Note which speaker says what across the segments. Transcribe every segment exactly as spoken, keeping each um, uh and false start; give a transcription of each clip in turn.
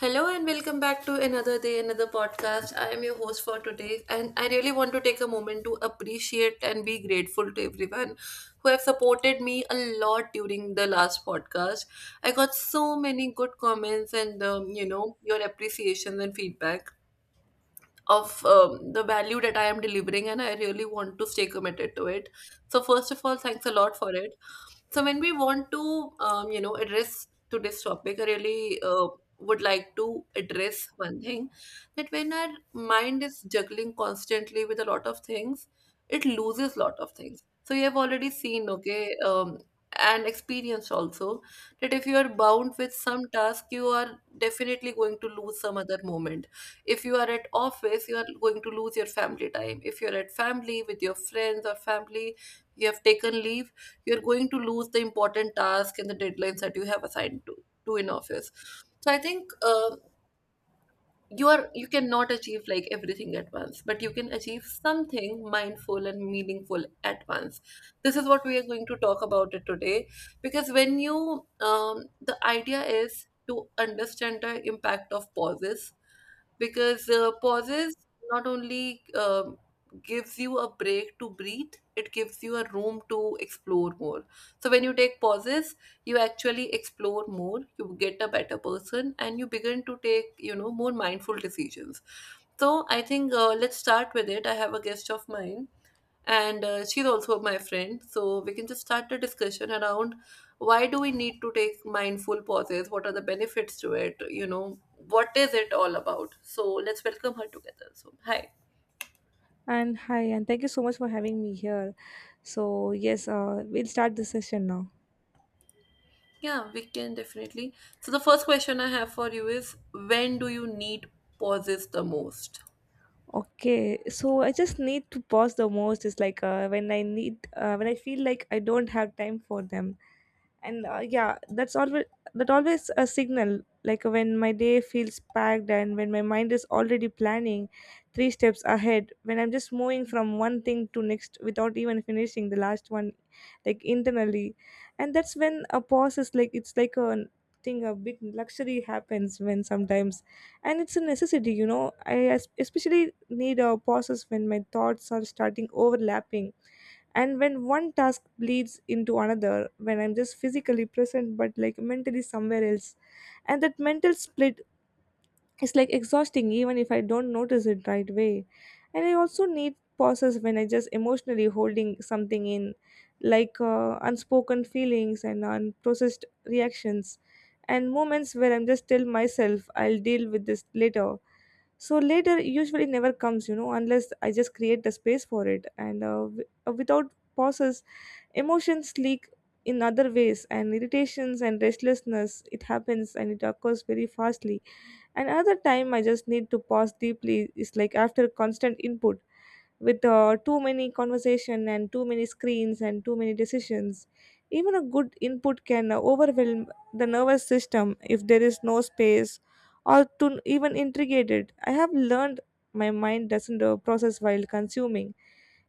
Speaker 1: Hello and welcome back to another day, another podcast. I am your host for today, and I really want to take a moment to appreciate and be grateful to everyone who have supported me a lot during the last podcast. I got so many good comments and um, you know your appreciations and feedback of um, the value that I am delivering, and I really want to stay committed to it. So, first of all, thanks a lot for it. So, when we want to, um, you know, address to this topic, I really uh, would like to address one thing that when our mind is juggling constantly with a lot of things, it loses lot of things. So, you have already seen, okay, um, and experienced also that if you are bound with some task, you are definitely going to lose some other moment. If you are at office, you are going to lose your family time. If you're at family with your friends or family, you have taken leave, you're going to lose the important tasks and the deadlines that you have assigned to, to in office. So I think uh, you are you cannot achieve like everything at once, but you can achieve something mindful and meaningful at once. This is what we are going to talk about it today, because when you um, the idea is to understand the impact of pauses. Because uh, pauses not only um, gives you a break to breathe, it gives you a room to explore more. So when you take pauses, you actually explore more, you get a better person, and you begin to take, you know, more mindful decisions. So I think uh, let's start with it. I have a guest of mine, and uh, she's also my friend, so we can just start the discussion around why do we need to take mindful pauses, what are the benefits to it, you know, what is it all about. So let's welcome her together. So hi.
Speaker 2: And hi, and thank you so much for having me here. So, yes, uh, we'll start the session now.
Speaker 1: Yeah, we can definitely. So the first question I have for you is, when do you need pauses the most?
Speaker 2: Okay, so I just need to pause the most is like uh, when I need, uh, when I feel like I don't have time for them and uh, yeah that's always that always a signal, like when my day feels packed and when my mind is already planning three steps ahead, when I'm just moving from one thing to next without even finishing the last one, like internally. And that's when a pause is like it's like a thing, a big luxury happens when sometimes, and it's a necessity, you know. I es- especially need a pauses when my thoughts are starting overlapping and when one task bleeds into another, when I'm just physically present but like mentally somewhere else, and that mental split is like exhausting even if I don't notice it right away. And I also need pauses when I just emotionally holding something in, like uh, unspoken feelings and unprocessed reactions and moments where I'm just tell myself I'll deal with this later. So later usually never comes, you know, unless I just create the space for it, and uh, w- uh, without pauses emotions leak in other ways, and irritations and restlessness, it happens and it occurs very fastly. And other time I just need to pause deeply is like after constant input with uh, too many conversation and too many screens and too many decisions. Even a good input can overwhelm the nervous system if there is no space or to even integrate it. I have learned my mind doesn't uh, process while consuming,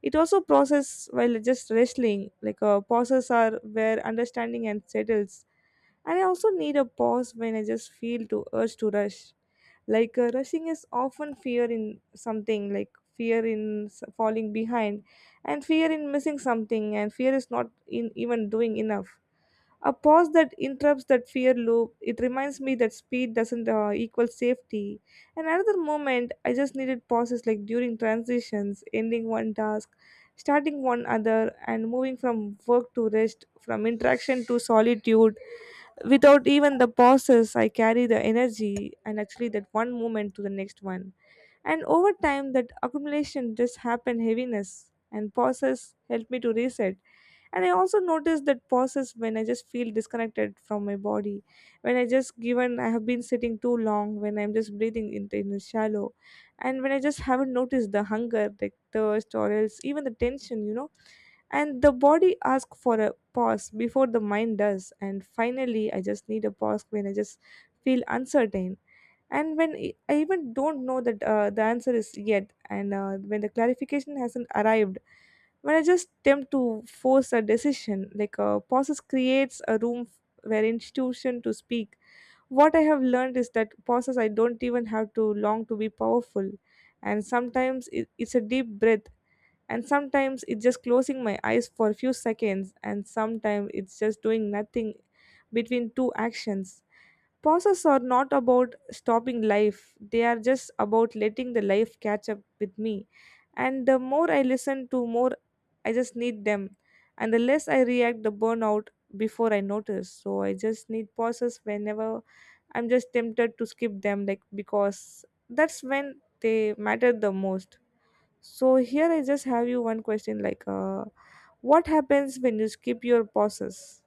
Speaker 2: it also process while just wrestling, like a pauses are where understanding and settles. And I also need a pause when I just feel to urge to rush. Like uh, rushing is often fear in something, like fear in s- falling behind, and fear in missing something, and fear is not in even doing enough. A pause that interrupts that fear loop. It reminds me that speed doesn't uh, equal safety. And another moment, I just needed pauses like during transitions, ending one task, starting one other, and moving from work to rest, from interaction to solitude. Without even the pauses, I carry the energy and actually that one moment to the next one. And over time, that accumulation just happen heaviness, and pauses help me to reset. And I also notice that pauses when I just feel disconnected from my body, when I just given I have been sitting too long, when I'm just breathing in, in a shallow, and when I just haven't noticed the hunger, the thirst, or else even the tension, you know. And the body asks for a pause before the mind does. And finally I just need a pause when I just feel uncertain and when i I even don't know that uh, the answer is yet, and uh, when the clarification hasn't arrived, when I just attempt to force a decision, like a process creates a room where institution to speak. What I have learned is that process I don't even have to long to be powerful, and sometimes it, it's a deep breath, and sometimes it's just closing my eyes for a few seconds, and sometimes it's just doing nothing between two actions. Pauses are not about stopping life, they are just about letting the life catch up with me. And the more I listen to, more I just need them. And the less I react, the burnout before I notice. So I just need pauses whenever I'm just tempted to skip them, like because that's when they matter the most. So here I just have you one question, like uh, what happens when you skip your pauses?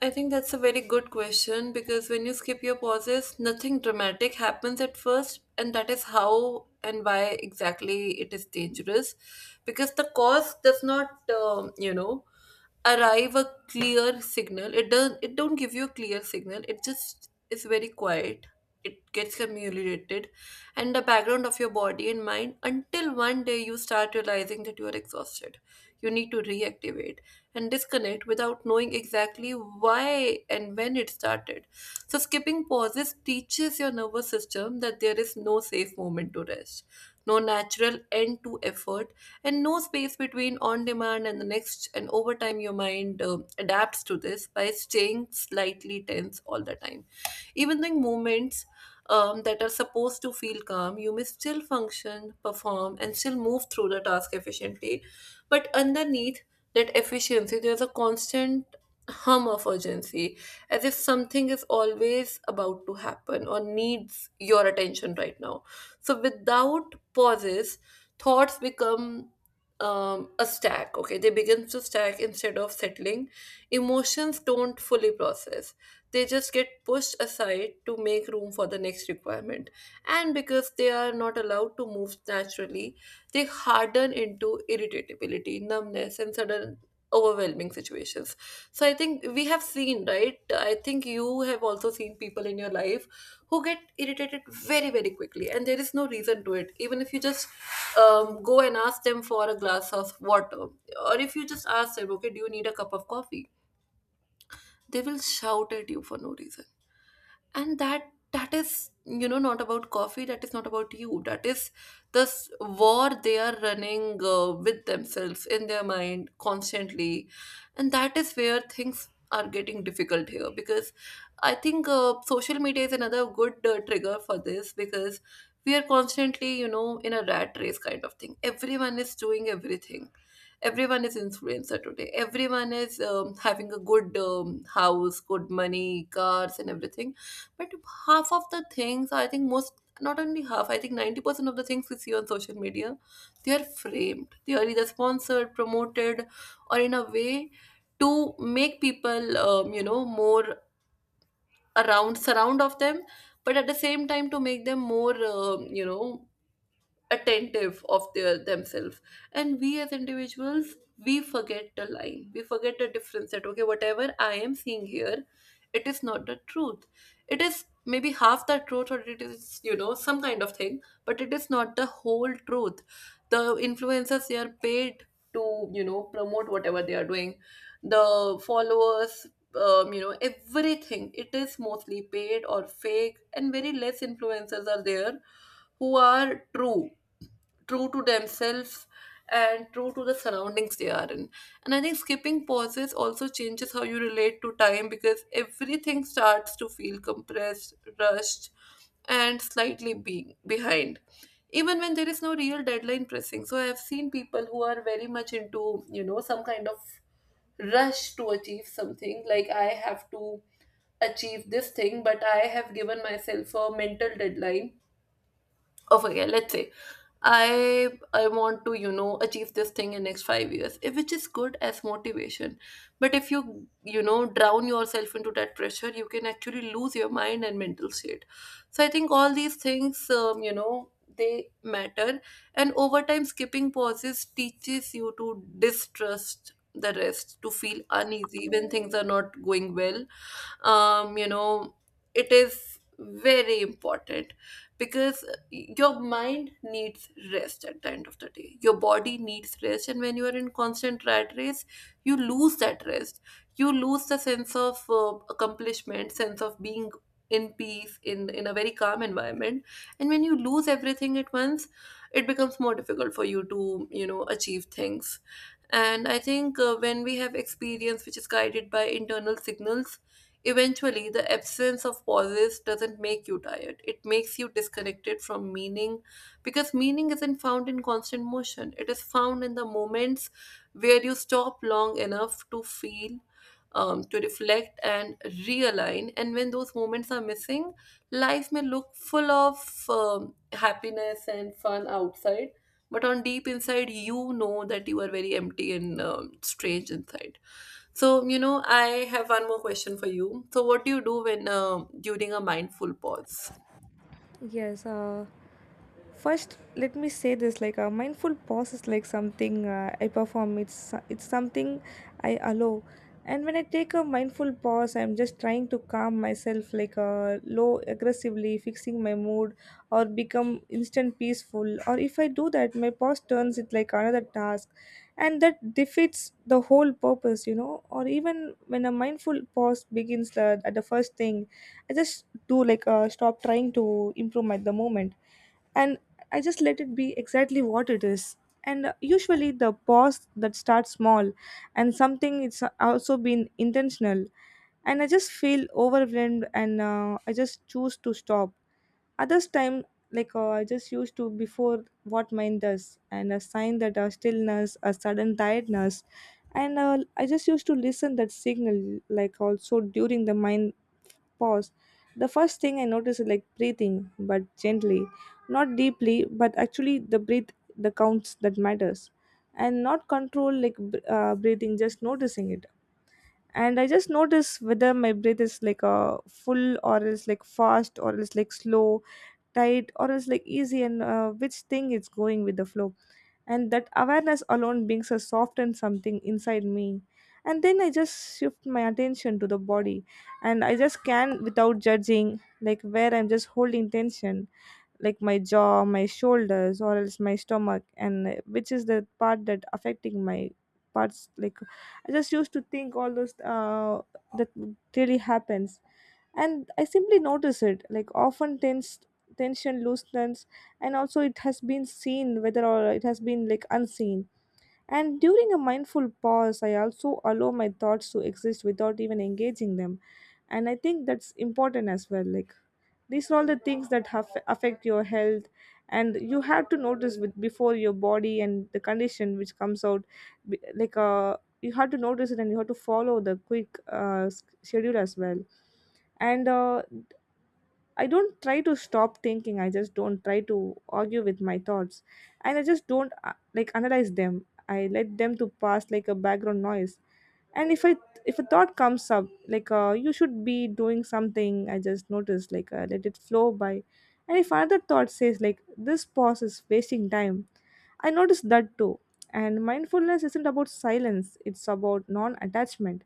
Speaker 1: I think that's a very good question, because when you skip your pauses, nothing dramatic happens at first, and that is how and why exactly it is dangerous. Because the cause does not, um, you know, arrive a clear signal. It does it don't give you a clear signal, it just is very quiet. It gets accumulated and the background of your body and mind until one day you start realizing that you are exhausted, you need to reactivate and disconnect without knowing exactly why and when it started. So skipping pauses teaches your nervous system that there is no safe moment to rest, no natural end to effort, and no space between on demand and the next. And over time, your mind um, adapts to this by staying slightly tense all the time. Even the moments um, that are supposed to feel calm, you may still function, perform, and still move through the task efficiently. But underneath that efficiency, there's a constant hum of urgency, as if something is always about to happen or needs your attention right now. So without pauses, thoughts become um, a stack. Okay, they begin to stack instead of settling. Emotions don't fully process. They just get pushed aside to make room for the next requirement. And because they are not allowed to move naturally, they harden into irritability, numbness, and sudden overwhelming situations. So I think we have seen, right? I think you have also seen people in your life who get irritated very very quickly, and there is no reason to it. Even if you just um, go and ask them for a glass of water, or if you just ask them, okay, do you need a cup of coffee, they will shout at you for no reason. And that that is, you know, not about coffee, that is not about you, that is this war they are running uh, with themselves in their mind constantly. And that is where things are getting difficult here, because I think uh, social media is another good uh, trigger for this. Because we are constantly, you know, in a rat race kind of thing. Everyone is doing everything, everyone is influencer today, everyone is um, having a good um, house, good money, cars, and everything. But half of the things, I think most, not only half, I think ninety percent of the things we see on social media, they are framed. They are either sponsored, promoted, or in a way to make people, um, you know, more around, surround of them, but at the same time to make them more, um, you know, attentive of their themselves. And we as individuals, we forget the line, we forget the difference that, okay, whatever I am seeing here, it is not the truth. It is maybe half the truth, or it is, you know, some kind of thing, but it is not the whole truth. The influencers, they are paid to, you know, promote whatever they are doing. The followers, um, you know, everything, it is mostly paid or fake, and very less influencers are there who are true, true to themselves and true to the surroundings they are in. And I think skipping pauses also changes how you relate to time, because everything starts to feel compressed, rushed, and slightly being behind. Even when there is no real deadline pressing. So I have seen people who are very much into, you know, some kind of rush to achieve something. Like, I have to achieve this thing, but I have given myself a mental deadline of, okay, let's say i i want to, you know, achieve this thing in next five years, eh, which is good as motivation. But if you, you know, drown yourself into that pressure, you can actually lose your mind and mental state. So I think all these things, um, you know, they matter. And over time, skipping pauses teaches you to distrust the rest, to feel uneasy when things are not going well. Um, you know, it is very important, because your mind needs rest at the end of the day. Your body needs rest, and when you are in constant rat race, you lose that rest. You lose the sense of uh, accomplishment, sense of being in peace, in in a very calm environment. And when you lose everything at once, it becomes more difficult for you to, you know, achieve things. And I think uh, when we have experience which is guided by internal signals, eventually the absence of pauses doesn't make you tired. It makes you disconnected from meaning, because meaning isn't found in constant motion. It is found in the moments where you stop long enough to feel, um, to reflect, and realign. And when those moments are missing, life may look full of um, happiness and fun outside, but on deep inside, you know that you are very empty and um, strange inside. So, you know, I have one more question for you. So, what do you do when uh, during a mindful pause?
Speaker 2: Yes, uh first, let me say this, like a mindful pause is like something uh, I perform. It's it's something I allow. And when I take a mindful pause, I'm just trying to calm myself, like uh, low aggressively, fixing my mood, or become instant peaceful. Or if I do that, my pause turns it like another task, and that defeats the whole purpose, you know. Or even when a mindful pause begins the, at the first thing, I just do like uh, stop trying to improve at the moment, and I just let it be exactly what it is. And uh, usually, the pause that starts small and something it's also been intentional, and I just feel overwhelmed and uh, I just choose to stop. Others time, like uh, I just used to before what mine does, and a sign that a stillness, a sudden tiredness, and uh, I just used to listen that signal, like also during the mind pause, the first thing I notice is like breathing, but gently, not deeply, but actually the breath, the counts that matters, and not control like b- uh, breathing, just noticing it. And I just notice whether my breath is like uh, full, or is like fast, or is like slow, tight, or is like easy, and uh, which thing it's going with the flow, and that awareness alone brings a soften something inside me. And then I just shift my attention to the body, and I just scan without judging, like where I'm just holding tension, like my jaw, my shoulders, or else my stomach, and uh, which is the part that affecting my parts, like I just used to think all those uh that really happens, and I simply notice it, like often tense tension loosens, and also it has been seen whether or it has been like unseen. And during a mindful pause I also allow my thoughts to exist without even engaging them, and I think that's important as well. Like these are all the things that have, affect your health, and you have to notice with, before your body and the condition which comes out. be- Like uh, you have to notice it, and you have to follow the quick uh, s- schedule as well. And uh, I don't try to stop thinking. I just don't try to argue with my thoughts, and I just don't uh, like analyze them. I let them to pass like a background noise. And if I if a thought comes up like uh, you should be doing something, I just notice, like uh, let it flow by. And if another thought says like this pause is wasting time, I notice that too. And mindfulness isn't about silence; it's about non-attachment.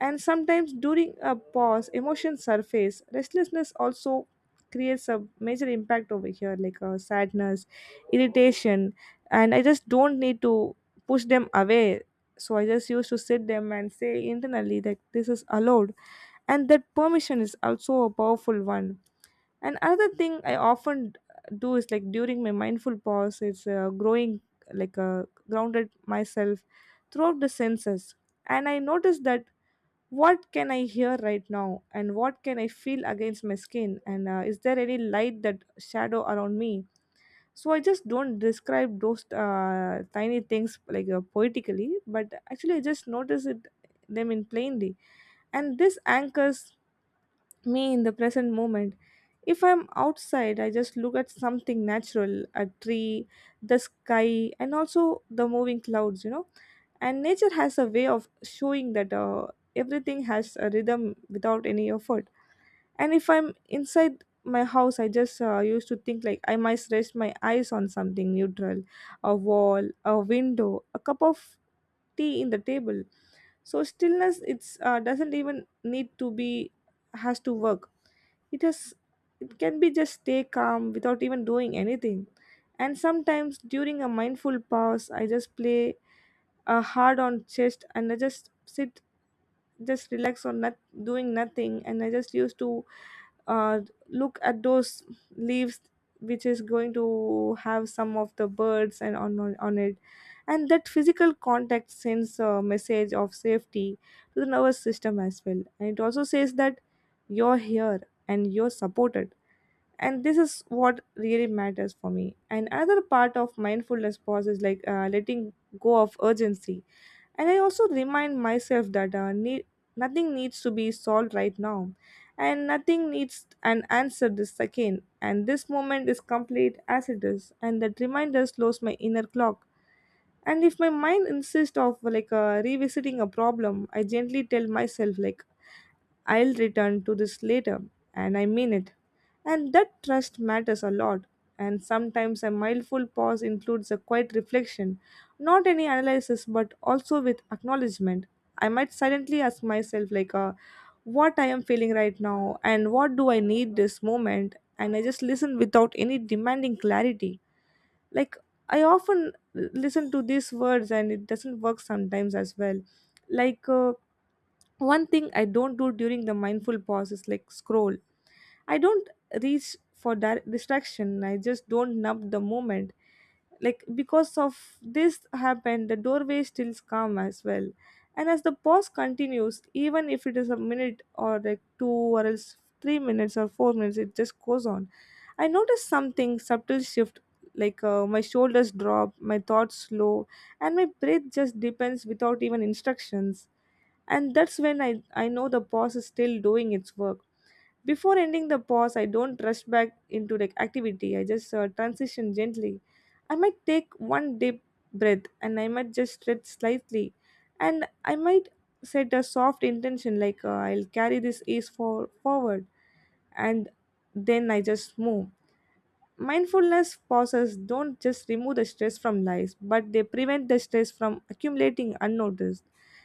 Speaker 2: And sometimes during a pause, emotions surface. Restlessness also creates a major impact over here, like uh, sadness, irritation, and I just don't need to push them away. So I just used to sit them and say internally that this is allowed, and that permission is also a powerful one. And another thing I often do is like during my mindful pause, it's uh, growing like uh, grounded myself throughout the senses, and I noticed that what can I hear right now, and what can I feel against my skin, and uh, is there any light that shadow around me. So I just don't describe those uh, tiny things like uh, poetically, but actually I just notice it them in plainly, and this anchors me in the present moment. If I'm outside I just look at something natural, a tree, the sky, and also the moving clouds, you know. And nature has a way of showing that uh, everything has a rhythm without any effort. And if I'm inside my house I just uh, used to think like I must rest my eyes on something neutral, a wall, a window, a cup of tea in the table. So stillness it's uh, doesn't even need to be has to work, it has, it can be just stay calm without even doing anything. And sometimes during a mindful pause I just play uh, hard on chest, and I just sit, just relax on not doing nothing, and I just used to uh, look at those leaves which is going to have some of the birds and on on, on it, and that physical contact sends a message of safety to the nervous system as well, and it also says that you're here and you're supported, and this is what really matters for me. And another part of mindfulness pause is like uh, letting go of urgency, and I also remind myself that uh, need, nothing needs to be solved right now, and nothing needs an answer this second, and this moment is complete as it is, and that reminder slows my inner clock. And if my mind insists of like uh, revisiting a problem, I gently tell myself like I'll return to this later, and I mean it, and that trust matters a lot. And sometimes a mindful pause includes a quiet reflection, not any analysis but also with acknowledgement. I might silently ask myself like uh, what I am feeling right now and what do I need this moment, and I just listen without any demanding clarity, like I often listen to these words and it doesn't work sometimes as well. Like uh, one thing I don't do during the mindful pause is like scroll. I don't reach for di- distraction, I just don't numb the moment, like because of this happened the doorway still calm as well. And as the pause continues, even if it is a minute or like two or else three minutes or four minutes, it just goes on. I noticed something subtle shift, like uh, my shoulders drop, my thoughts slow, and my breath just depends without even instructions. And that's when I, I know the pause is still doing its work. Before ending the pause, I don't rush back into the activity. I just uh, transition gently. I might take one deep breath, and I might just stretch slightly, and I might set a soft intention like uh, I'll carry this ease for forward, and then I just move. Mindfulness pauses don't just remove the stress from life, but they prevent the stress from accumulating unnoticed.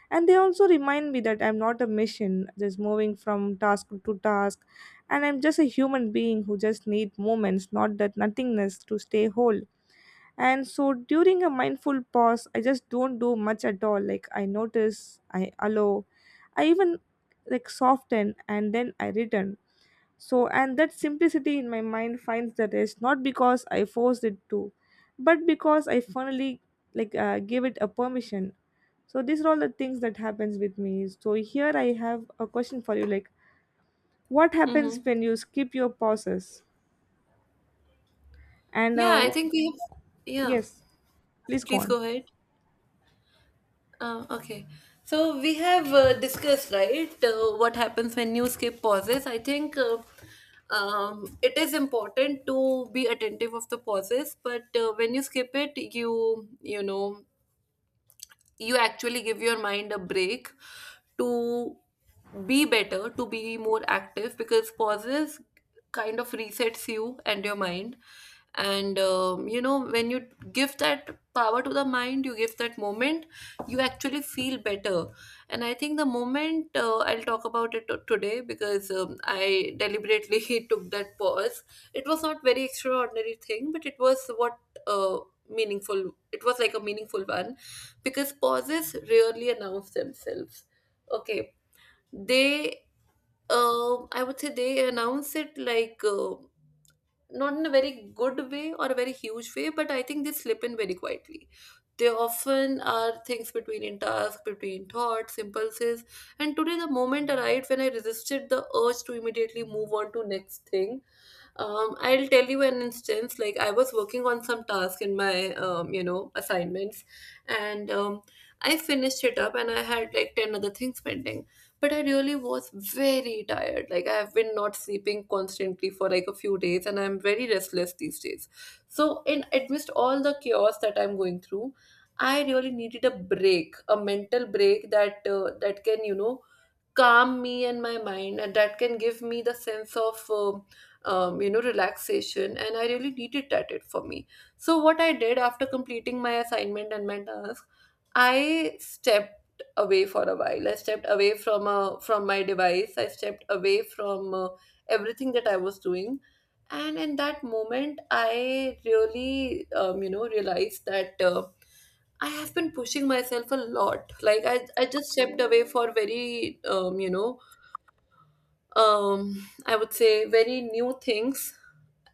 Speaker 2: And they also remind me that I'm not a machine just moving from task to task, and I'm just a human being who just need moments, not that nothingness, to stay whole. And so during a mindful pause, I just don't do much at all. Like I notice, I allow, I even like soften, and then I return. So, and that simplicity in my mind finds the rest, not because I forced it to, but because I finally like uh, gave it a permission. So these are all the things that happens with me. So here I have a question for you, like what happens
Speaker 1: Mm-hmm.
Speaker 2: when you skip your pauses? And
Speaker 1: Yeah, I
Speaker 2: uh,
Speaker 1: think we have. Yeah,
Speaker 2: yes, please go
Speaker 1: please
Speaker 2: on.
Speaker 1: go ahead. Uh, okay. So we have uh, discussed, right, uh, what happens when you skip pauses. I think uh, um, it is important to be attentive of the pauses, but uh, when you skip it, you you know, you actually give your mind a break to be better, to be more active, because pauses kind of resets you and your mind. And um, you know, when you give that power to the mind, you give that moment, you actually feel better. And I think the moment uh, I'll talk about it t- today, because um, I deliberately took that pause. It was not very extraordinary thing, but it was what uh, meaningful. It was like a meaningful one, because pauses rarely announce themselves. Okay, they, um, I would say they announce it like uh, not in a very good way or a very huge way, but I think they slip in very quietly. They often are things between in task, between thoughts, impulses, and today the moment arrived when I resisted the urge to immediately move on to next thing. um, I'll tell you an instance. Like, I was working on some task in my, um, you know, assignments, and um, I finished it up, and I had like ten other things pending. But I really was very tired. Like, I have been not sleeping constantly for like a few days, and I'm very restless these days. So, in amidst all the chaos that I'm going through, I really needed a break, a mental break that uh, that can, you know, calm me and my mind and that can give me the sense of um, um, you know, relaxation. And I really needed that it for me. So what I did after completing my assignment and my task, I stepped away for a while. I stepped away from uh, from my device. I stepped away from uh, everything that I was doing. And in that moment I really, um, you know, realized that uh, I have been pushing myself a lot. Like I, I just stepped away for very, um, you know, um, I would say very new things.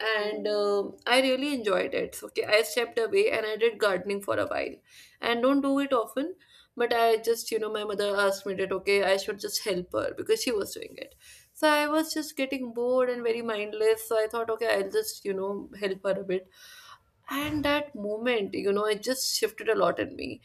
Speaker 1: And um I really enjoyed it. So, okay, I stepped away and I did gardening for a while, and don't do it often. But I just, you know, my mother asked me that okay, I should just help her because she was doing it. So I was just getting bored and very mindless. So I thought, okay, I'll just, you know, help her a bit. And that moment, you know, it just shifted a lot in me.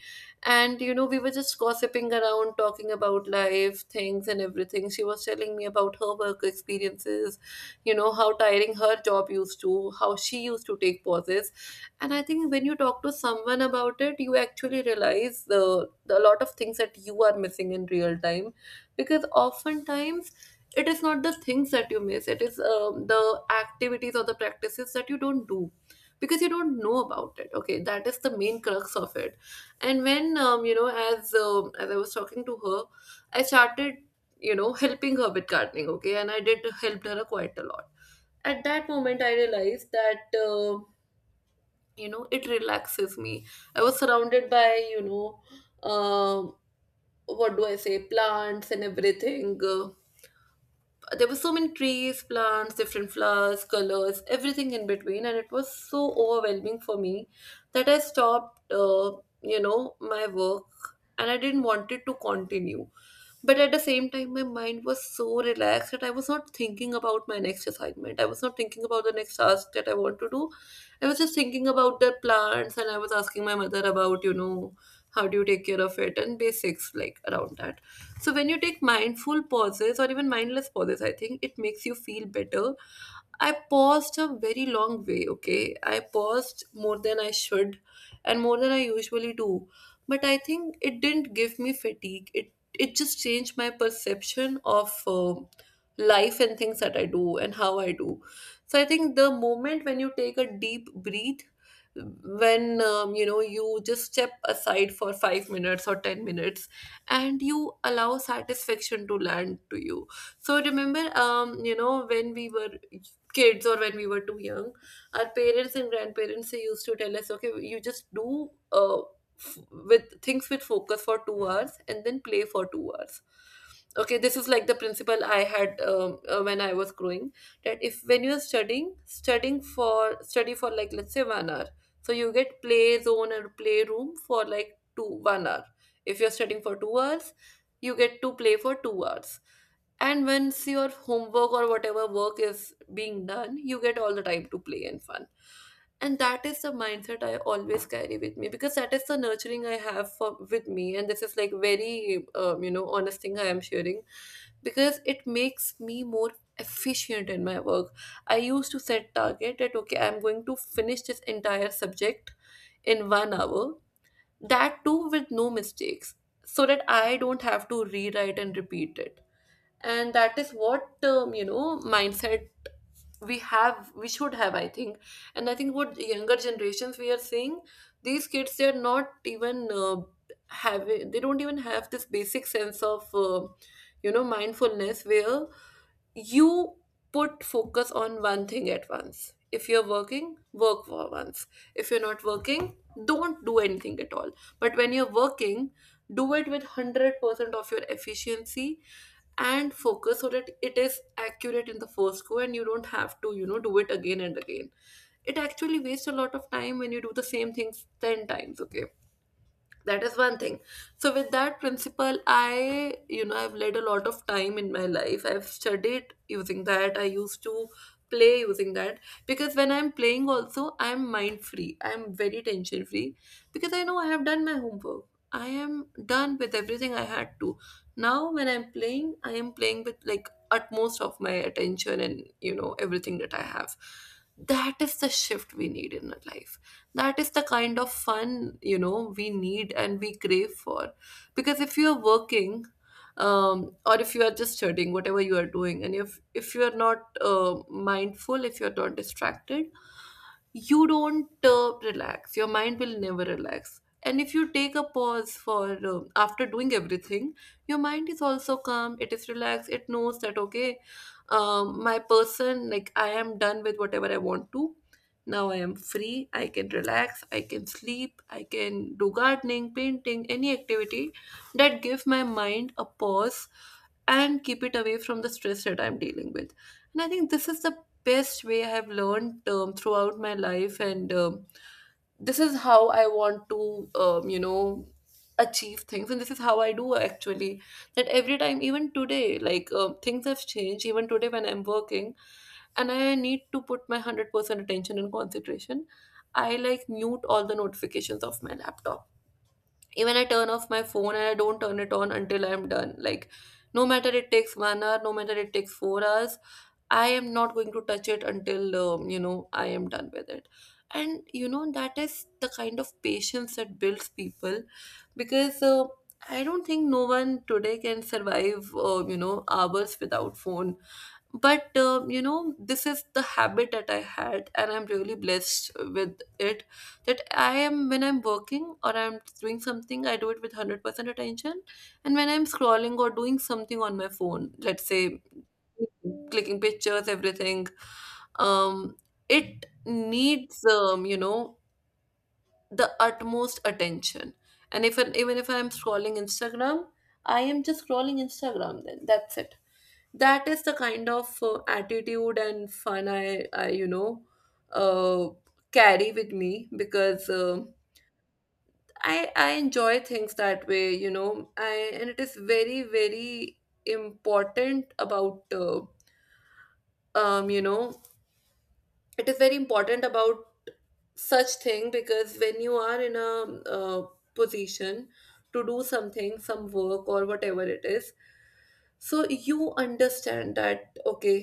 Speaker 1: And, you know, we were just gossiping around, talking about life, things, and everything. She was telling me about her work experiences, you know, how tiring her job used to, how she used to take pauses. And I think when you talk to someone about it, you actually realize the, the lot of things that you are missing in real time. Because oftentimes, it is not the things that you miss, it is um, the activities or the practices that you don't do because you don't know about it. Okay, that is the main crux of it. And when, um, you know as um as I was talking to her, I started, you know, helping her with gardening. Okay, and I did helped her quite a lot. At that moment I realized that, uh, you know, it relaxes me. I was surrounded by, you know, um what do I say, plants and everything. Uh, there were so many trees, plants, different flowers, colors, everything in between, and it was so overwhelming for me that I stopped, uh, you know, my work, and I didn't want it to continue. But at the same time, my mind was so relaxed that I was not thinking about my next assignment. I was not thinking about the next task that I want to do. I was just thinking about the plants, and I was asking my mother about, you know, how do you take care of it and basics like around that. So when you take mindful pauses or even mindless pauses, I think it makes you feel better. I paused a very long way, okay? I paused more than I should and more than I usually do. But I think it didn't give me fatigue. It it just changed my perception of um life and things that I do and how I do. So I think the moment when you take a deep breath, when, um, you know, you just step aside for five minutes or ten minutes and you allow satisfaction to land to you. So remember, um you know when we were kids or when we were too young, our parents and grandparents, they used to tell us okay, you just do uh, f- with things with focus for two hours and then play for two hours. Okay, this is like the principle I had, um, uh, when I was growing, that if when you're studying, studying for study for like let's say one hour, so you get play zone or play room for like 2 1 hour. If you're studying for two hours, you get to play for two hours. And once your homework or whatever work is being done, you get all the time to play and fun. And that is the mindset I always carry with me because that is the nurturing I have for with me. And this is like very, um, you know, honest thing I am sharing because it makes me more efficient in my work. I used to set target that okay, I'm going to finish this entire subject in one hour. That too with no mistakes, so that I don't have to rewrite and repeat it. And that is what, um, you know, mindset we have we should have, I think. And I think what younger generations we are seeing, these kids, they are not even uh, having they don't even have this basic sense of, uh, you know, mindfulness where you put focus on one thing at once. If you're working, work for once. If you're not working, don't do anything at all. But when you're working, do it with one hundred percent of your efficiency and focus so that it is accurate in the first go and you don't have to, you know, do it again and again. It actually wastes a lot of time when you do the same things ten times, okay? That is one thing. So with that principle, I, you know, I've led a lot of time in my life. I've studied using that. I used to play using that. Because when I'm playing also, I'm mind free, I'm very tension free, because I know I have done my homework, I am done with everything I had to. Now when I'm playing, I am playing with like utmost of my attention and you know, everything that I have. That is the shift we need in our life. That is the kind of fun, you know, we need and we crave for. Because if you are working, um, or if you are just studying, whatever you are doing, and if if you are not uh, mindful, if you are not distracted, you don't uh, relax, your mind will never relax. And if you take a pause for uh, after doing everything, your mind is also calm, it is relaxed, it knows that okay, um, my person, like I am done with whatever I want to. Now I am free, I can relax, I can sleep, I can do gardening, painting, any activity that give my mind a pause and keep it away from the stress that I'm dealing with. And I think this is the best way I have learned um, throughout my life. And um, this is how I want to, um, you know, achieve things. And this is how I do actually. That every time, even today, like, um, things have changed. Even today, when I'm working, and I need to put my hundred percent attention and concentration, I like mute all the notifications of my laptop. Even I turn off my phone and I don't turn it on until I'm done. Like, no matter it takes one hour, no matter it takes four hours, I am not going to touch it until, um, you know, I am done with it. And, you know, that is the kind of patience that builds people. Because uh, I don't think no one today can survive, uh, you know, hours without phone. But, uh, you know, this is the habit that I had and I'm really blessed with it. That I am, when I'm working or I'm doing something, I do it with one hundred percent attention. And when I'm scrolling or doing something on my phone, let's say clicking pictures, everything, um it needs, um you know, the utmost attention. And if even if I'm scrolling Instagram, I am just scrolling Instagram. Then that's it. That is the kind of uh, attitude and fun I, I you know, uh, carry with me because, uh, I I enjoy things that way. You know, I, and it is very very important about, uh, um you know it is very important about such thing. Because when you are in a, uh, position to do something, some work or whatever it is, so you understand that okay,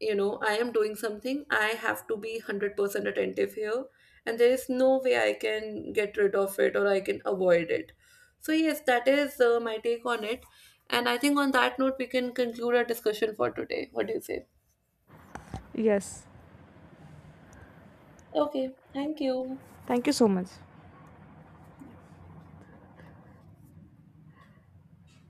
Speaker 1: you know, I am doing something, I have to be one hundred percent attentive here, and there is no way I can get rid of it or I can avoid it. So yes, that is uh, my take on it. And I think on that note we can conclude our discussion for today. What do you say?
Speaker 2: Yes,
Speaker 1: Okay, thank you.
Speaker 2: thank you so much.